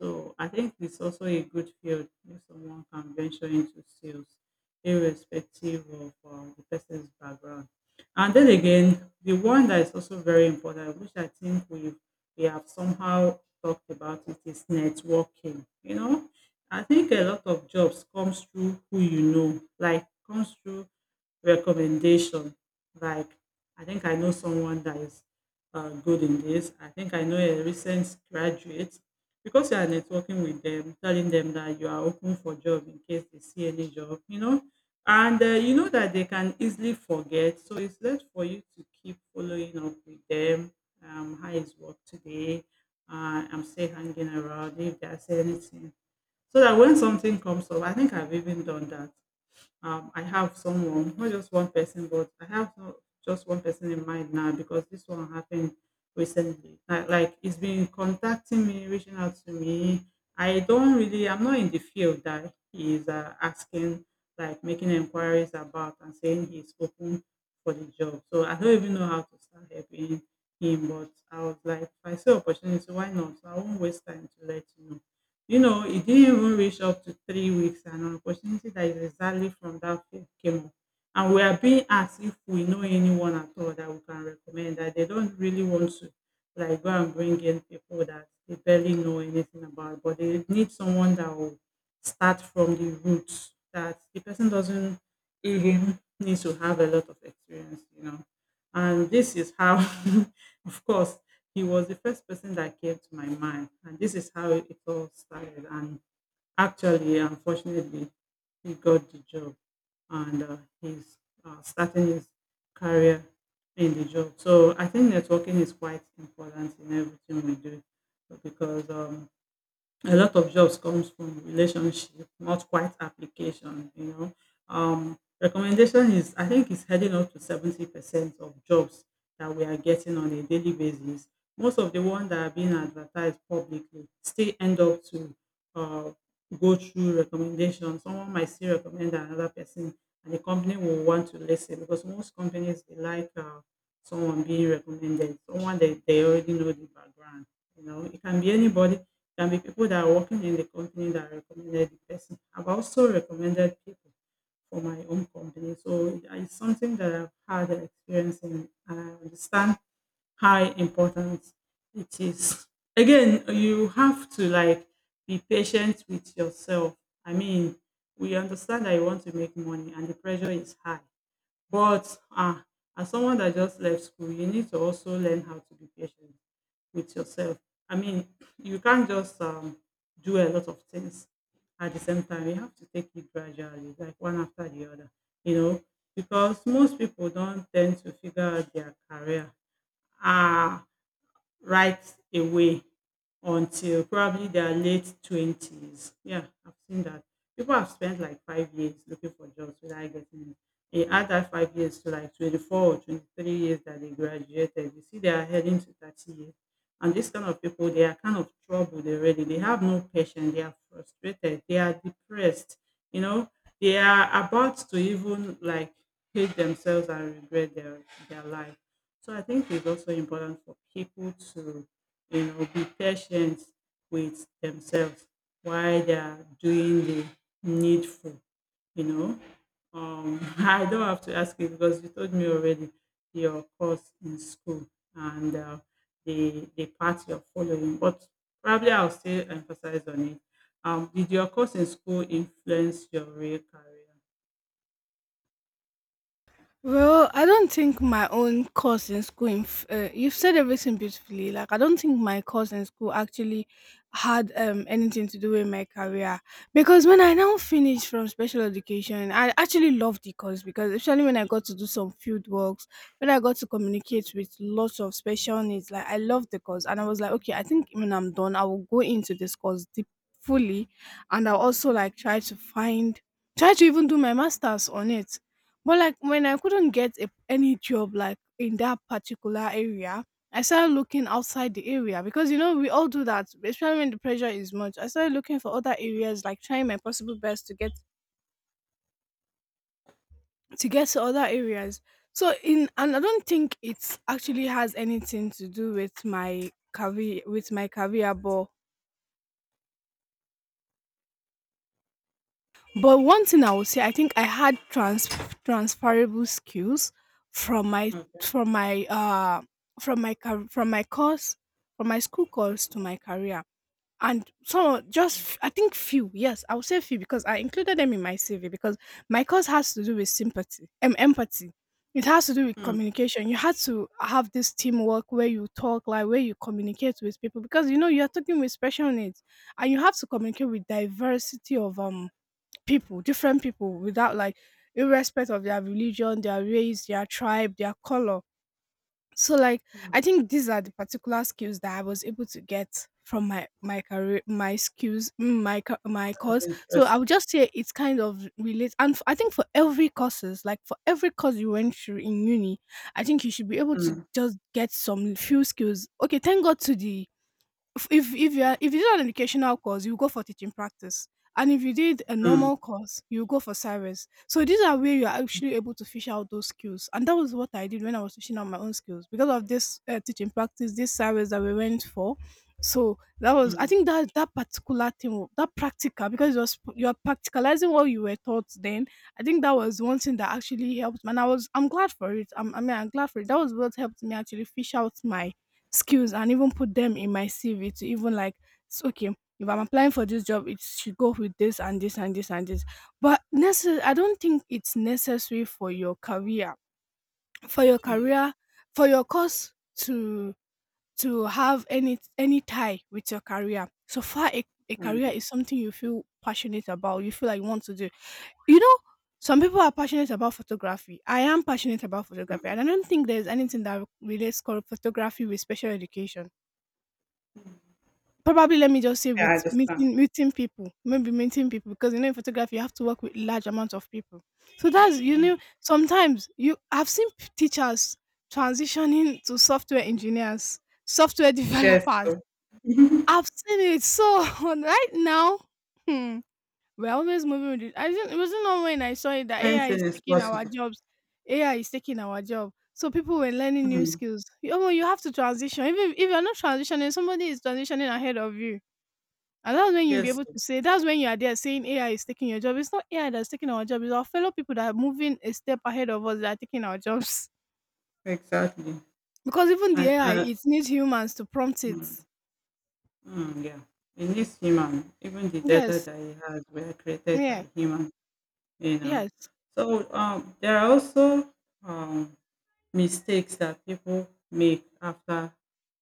So I think it's also a good field if someone can venture into sales, irrespective of the person's background. And then again, the one that is also very important, which I think we have somehow talked about it, is networking. You know, I think a lot of jobs comes through who you know, like comes through recommendation. Like I think I know someone that is good in this. I think I know a recent graduate because you are networking with them, telling them that you are open for job in case they see any job, and you know that they can easily forget. So it's left for you to keep following up with them. How is work today? I'm still hanging around if there's anything. So that when something comes up, I think I've even done that. I have someone, not just one person, but I have not just one person in mind now because this one happened recently. Like, he's been contacting me, reaching out to me. I don't really, I'm not in the field that he's asking, like making inquiries about and saying he's open for the job. So I don't even know how to start helping him, but I was like, if I see opportunity, why not? So I won't waste time to let you know. You know, it didn't even reach up to 3 weeks and an opportunity that is exactly from that field came up. And we are being asked if we know anyone at all that we can recommend that they don't really want to like go and bring in people that they barely know anything about, but they need someone that will start from the roots that the person doesn't even need to have a lot of experience. And this is how, of course, he was the first person that came to my mind. And this is how it all started. And actually, unfortunately, he got the job and he's starting his career in the job. So I think networking is quite important in everything we do because a lot of jobs comes from relationship, not quite application. Recommendation is, I think, is heading up to 70% of jobs that we are getting on a daily basis. Most of the ones that are being advertised publicly still end up to uh, go through recommendation. Someone might still recommend another person, and the company will want to listen because most companies they like someone being recommended, someone that they already know the background. You know, it can be anybody, can be people that are working in the company that recommended the person. I've also recommended people for my own company. So yeah, it's something that I've had an experience in. I understand how important it is. Again, you have to like be patient with yourself. I mean, we understand that you want to make money and the pressure is high. But as someone that just left school, you need to also learn how to be patient with yourself. I mean, you can't just do a lot of things at the same time. You have to take it gradually, like one after the other, you know, because most people don't tend to figure out their career. Ah, right away until probably their late 20s. Yeah, I've seen that. People have spent like 5 years looking for jobs without getting it. They add that 5 years to like 24 or 23 years that they graduated. You see, they are heading to 30 years. And these kind of people, they are kind of troubled already. They have no patience. They are frustrated. They are depressed. You know, they are about to even like hate themselves and regret their life. So I think it's also important for people to, you know, be patient with themselves while they are doing the needful, you know. I don't have to ask you because you told me already your course in school and the path you're following, but probably I'll still emphasize on it. Did your course in school influence your real career? Well, I don't think my own course in school. You've said everything beautifully. Like, I don't think my course in school actually had anything to do with my career because when I now finished from special education, I actually loved the course, because especially when I got to do some field works, when I got to communicate with lots of special needs, like, I loved the course, and I was like, okay, I think when I'm done, I will go into this course deep fully, and I'll also like try to find, try to even do my masters on it. But like, when I couldn't get a, any job like in that particular area, I started looking outside the area because you know we all do that, especially when the pressure is much. I started looking for other areas, like trying my possible best to get to get to other areas. So in, and I don't think it actually has anything to do with my career, but. But one thing I would say, I think I had transferable skills from my Okay. from my uh from my course, from my school course, to my career. And some I think few, yes, I would say few, because I included them in my CV because my course has to do with sympathy, empathy. It has to do with Mm, communication. You had to have this teamwork where you talk, like where you communicate with people because you know you are talking with special needs, and you have to communicate with diversity of people, different people without like irrespective of their religion, their race, their tribe, their color. So like, mm, I think these are the particular skills that I was able to get from my my career my skills mm, my co- my that's course. So interesting. I would just say it's kind of relates. And I think for every courses, like for every course you went through in uni, I think you should be able to Mm, just get some few skills. Okay, thank God to the, if you are, if you did an educational course, you go for teaching practice, and if you did a mm, normal course, you go for service. So these are where you are actually able to fish out those skills, and that was what I did when I was fishing out my own skills because of this teaching practice, this service that we went for. So that was, I mm, think that particular thing that practical, because it was, you're practicalizing what you were taught then. I think that was one thing that actually helped me, and I was, I'm glad for it. I mean, I'm glad for it. That was what helped me actually fish out my skills and even put them in my CV to even like, okay, if I'm applying for this job, it should go with this and this and this and this. But I don't think it's necessary for your career, for your mm, career, for your course to have any tie with your career. So far, a career mm. is something you feel passionate about. You feel like you want to do. You know, some people are passionate about photography. I am passionate about photography, Mm. and I don't think there's anything that relates called photography with special education. Probably let me just say Yeah, I with understand. meeting people, maybe meeting people, because you know in photography you have to work with large amounts of people. So that's, you Mm. know, sometimes you, I've seen teachers transitioning to software engineers, software Yes, developers. so. I've seen it. So right now, hmm, we're always moving with it. I didn't it wasn't long when I saw it that AI Anything is is taking our possible. jobs. AI is taking our job. So people were learning new Mm. skills. You, oh, you have to transition. Even if you're not transitioning, somebody is transitioning ahead of you, and that's when you'll be Yes, able sir. to say, that's when you are there saying AI is taking your job. It's not AI that's taking our job, it's our fellow people that are moving a step ahead of us that are taking our jobs. Exactly. Because even the And, AI, it needs humans to prompt it. mm, mm, yeah, in this human, even the data Yes. that he has were created Yeah. by human, you know. Yes. So there are also um, mistakes that people make after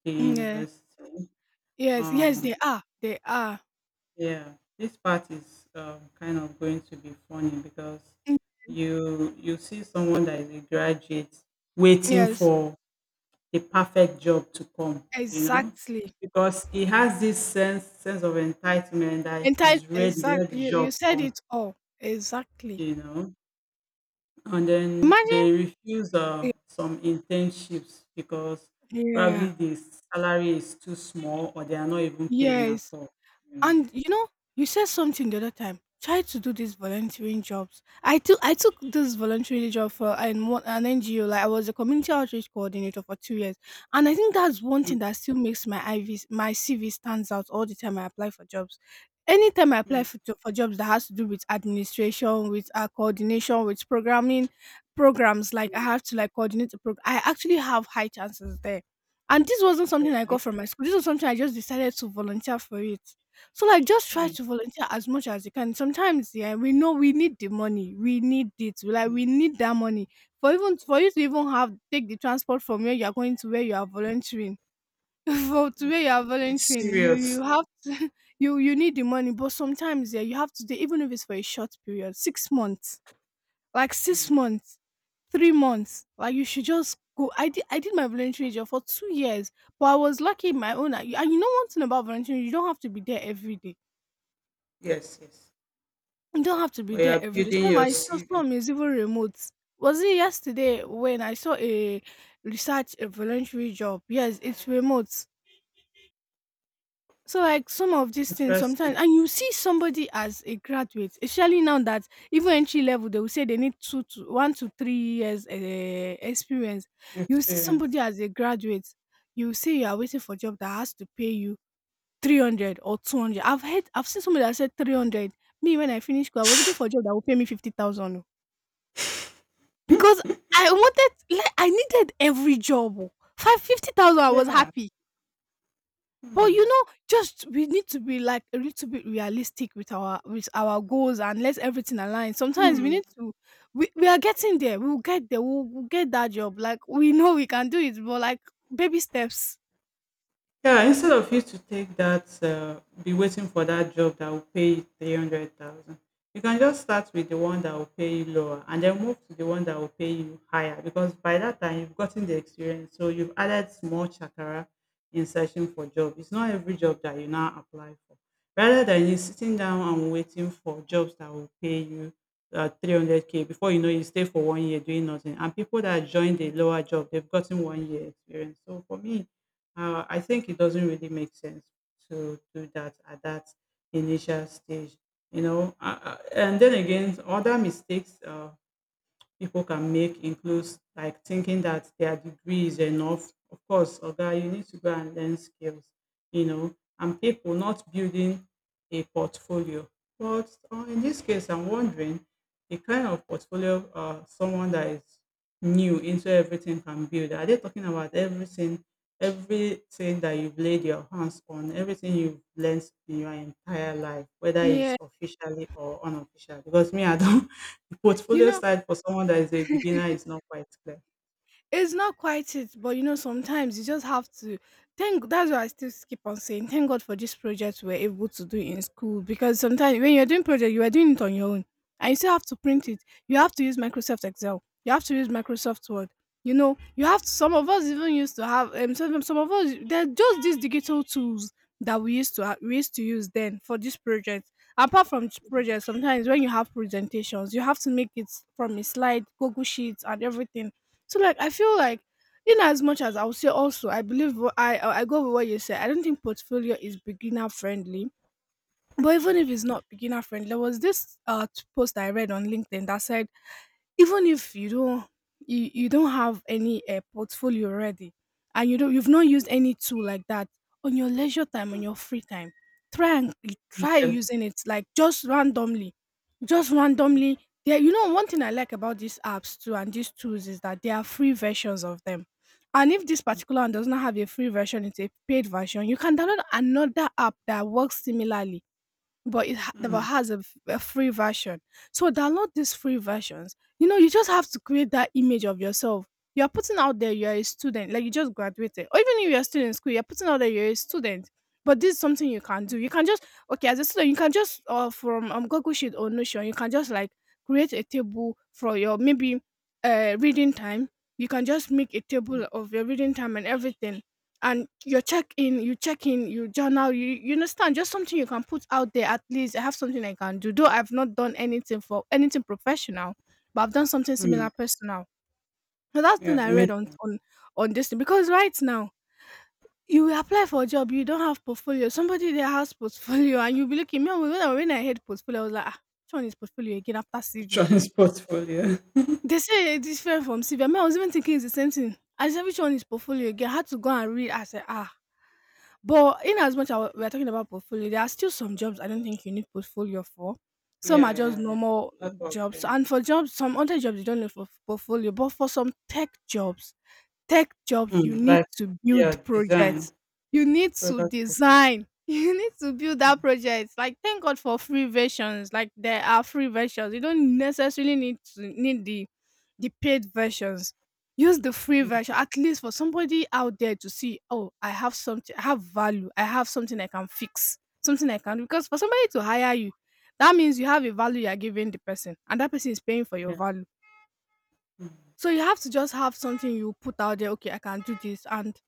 the Mm, yeah. university. Yes. Yes, they Um, are. They are. Yeah, this part is kind of going to be funny because Mm, you see someone that is a graduate waiting yes. for the perfect job to come, you know, Exactly. because he has this sense of entitlement that Entire he's ready, let exactly, the you job said come, it all. Exactly. you know, and then Imagine, they refuse yeah. some internships because probably Yeah. the salary is too small or they are not even paying at Yes. all, you know. And you know, you said something the other time. Try to do these volunteering jobs. I took this volunteering job for an NGO. Like, I was a community outreach coordinator for 2 years, and I think that's one Mm, thing that still makes my IVs my CV stands out all the time I apply for jobs. Anytime I apply mm, for, for jobs that has to do with administration, with coordination, with programming programs, like I have to like coordinate the program. I actually have high chances there, and this wasn't something I right? got from my school. This was something I just decided to volunteer for it. So like, just try Mm, to volunteer as much as you can. Sometimes yeah, we know we need the money. We need it. We Like, mm. we need that money. For even for you to even have take the transport from where you are going to where you are volunteering. for to where Mm. you are It's volunteering, you serious. you have to, you need the money. But sometimes yeah, you have to do, even if it's for a short period, 6 months. Like, six Mm. months, 3 months. Like, you should just go. I did my volunteering job for 2 years, but I was lucky in my own. And you know, one thing about volunteering, you don't have to be there every day. Yes, yes. You don't have to be We there are every day. building Some your I saw CV. some is even remote. Was it yesterday when I saw a research a voluntary job? Yes, it's remote. So like, some of these things Interesting sometimes, and you see somebody as a graduate, especially now that even entry level they will say they need 2 to 1 to 3 years experience. You see experience. somebody as a graduate, you say you are waiting for a job that has to pay you 300 or 200. I've heard, I've seen somebody that said 300. Me, when I finished school, I was looking for a job that will pay me 50,000. Because I wanted like, I needed every job oh. 5-50,000, I was Yeah. happy. But Hmm. you know, just we need to be like a little bit realistic with our goals and let everything align. Sometimes we need to, we are getting there. We'll get there. We'll get that job. Like, we know we can do it, but like, baby steps. Yeah, instead of you to take that, be waiting for that job that will pay you 300,000, you can just start with the one that will pay you lower and then move to the one that will pay you higher because by that time you've gotten the experience. So you've added small chakra in searching for job. It's not every job that you now apply for. Rather than you sitting down and waiting for jobs that will pay you 300K before you know you stay for one year doing nothing. And people that join the lower job, they've gotten one year experience. So for me, I think it doesn't really make sense to do that at that initial stage, you know. And then again, other mistakes people can make includes like thinking that their degree is enough. Of course, Oga, you need to go and learn skills, you know, and people not building a portfolio. But in this case, I'm wondering the kind of portfolio someone that is new into everything can build. Are they talking about everything, everything that you've laid your hands on, everything you've learned in your entire life, whether it's Yeah. officially or unofficially? Because me, I don't. You Portfolio know, side for someone that is a beginner is not quite clear. it's not quite it, but you know, sometimes you just have to thank, that's why I still keep on saying thank God for this project we're able to do in school, because sometimes when you're doing project, you are doing it on your own, and you still have to print it. You have to use Microsoft Excel, you have to use Microsoft Word. You know, you have to, some of us even used to have some of us, they're just these digital tools that we used to we used to use then for this project. Apart from this project, sometimes when you have presentations, you have to make it from a slide, Google Sheets, and everything, so like I feel like, in as much as I would say, also I believe what I go with what you said. I don't think portfolio is beginner friendly. But even if it's not beginner friendly, there was this post I read on LinkedIn that said, even if you don't, you don't have any portfolio ready, and you don't, you've not used any tool like that on your leisure time, on your free time, try and Teach try them. using it like just randomly, just randomly there. You know, one thing I like about these apps too and these tools is that there are free versions of them, and if this particular one does not have a free version, it's a paid version, you can download another app that works similarly but but Mm, has a, a free version. So download these free versions. You know, you just have to create that image of yourself. You are putting out there you are a student, like you just graduated, or even if you are still in school, you are putting out there you're a student. But this is something you can do. You can just, okay, as a student, you can just from Google Sheet or Notion, you can just like create a table for your maybe reading time. You can just make a table of your reading time and everything, and your check in, you journal, you understand, just something you can put out there. At least I have something I can do. Though I've not done anything for anything professional, but I've done something mm. similar personal. So that's the thing Yeah, you I read meant on on this thing, because right now you apply for a job, you don't have portfolio. Somebody there has portfolio, and you be looking. Me when I heard portfolio, I was like, ah, which one is portfolio again after CV? insurance portfolio. They say it's different from CV. I mean, I was even thinking it's the same thing. I said, which one is portfolio again? I had to go and read. I said, ah. But in as much as we're talking about portfolio, there are still some jobs I don't think you need portfolio for. Some Yeah, are just yeah, yeah. normal That was jobs, them. and for jobs, some other jobs you don't need for portfolio. But for some tech jobs, tech jobs, you Mm, need like, to build yeah, design, projects. You need to product design. design. You need to build that project. Like thank God for free versions. Like there are free versions. You don't necessarily need to need the paid versions. Use the free version at least for somebody out there to see, oh, I have something, I have value, I have something I can fix, something I can do. Because for somebody to hire you, that means you have a value you're giving the person, and that person is paying for your Yeah. value. Mm. So you have to just have something you put out there, okay, I can do this. And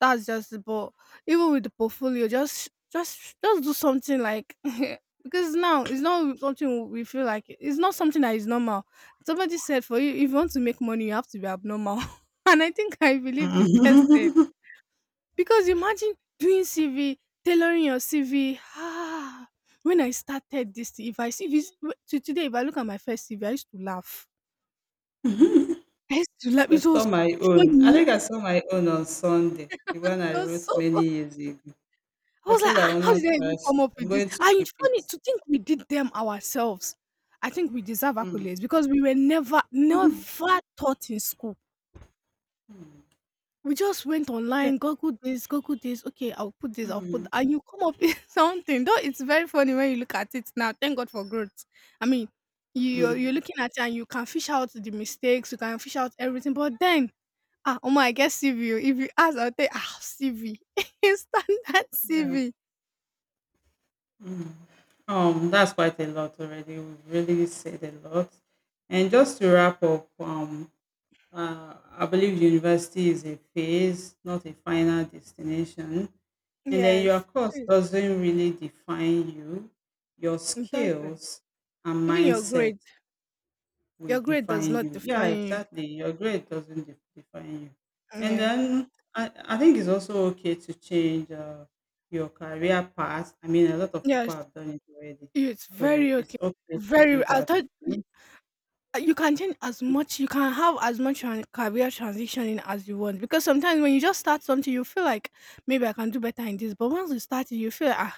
that's just, but even with the portfolio, just just do something like. Because now it's not something, we feel like it's not something that is normal. Somebody said for you if you want to make money you have to be abnormal. And I think I believe the person. Mm. Because imagine doing CV, tailoring your CV. Ah, when I started this thing, if I see, if to today, if I look at my first CV, I used to laugh. I used to laugh. I It was so saw my own. I funny. think I saw my own on Sunday, the one It I was wrote so many fu, years ago. I I was like, said I "Ah, will how not did I even trash it. come up I'm with this?" going to And keep it's funny it. to think we did them ourselves. I think we deserve Mm. accolades because we were never taught in school. Mm. We just went Yeah. online, Google this, Google this. Okay, I'll put this, I'll put, Mm. and you come up with something. Though it's very funny when you look at it now. Thank God for growth. I mean, you you're Mm. looking at it and you can fish out the mistakes, you can fish out everything. But then, ah, Omo, I guess CV. Oh. If you ask, I'll say, ah, CV. Standard Yeah. CV. Mm. That's quite a lot already. We've really said a lot. And just to wrap up, I believe university is a phase, not a final destination. And then your Yes, course it is. doesn't really define you, your It doesn't. skills and Even mindset will your grade does define not you. Yeah, define you. exactly. Your grade doesn't define you. And Yeah. then I think it's also okay to change your career path. I mean, a lot of people Yes, have done it already. it's So very it's okay. okay to do Very. I that. thought y-, Mm, you can change as much. You can have as much career transitioning as you want. Because sometimes when you just start something, you feel like maybe I can do better in this. But once you start it, you feel ah,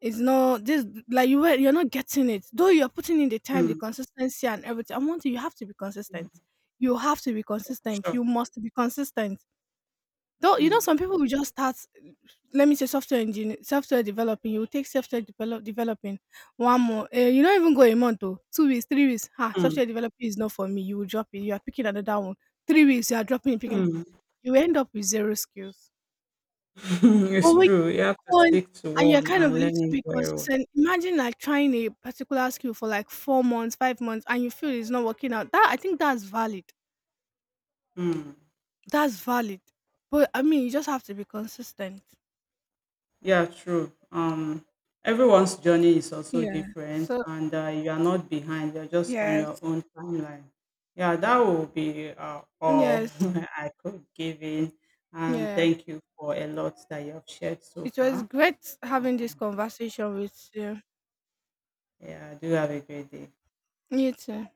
it's not this. Like you're not getting it. Though you're putting in the time, the consistency, and everything. I want you. You have to be consistent. mm, You have to be consistent. sure. You must be consistent. Though, you Mm, know, some people will just start, let me say, software engineer, software developing. You will take software developing one more. You don't even go a month, though. 2 weeks, 3 weeks. Ha, mm, software developing is not for me. You will drop it. You are picking another one. 3 weeks, you are dropping it, picking. mm. You end up with zero skills. it's But when true. you You have to go on stick to and you're one kind of a and little learn it bit very well. consistent, imagine like trying a particular skill for like 4 months, 5 months, and you feel it's not working out. That, I think that's valid. Mm. That's valid. But I mean, you just have to be consistent. Yeah, true. Everyone's journey is also Yeah. different, So and you are not behind. You're just on yes, your own timeline. Yeah, that will be all yes, I could give in. And yeah. thank you for a lot that you have shared so It was far. great having this Um, conversation with you. yeah, do have a great day. You too.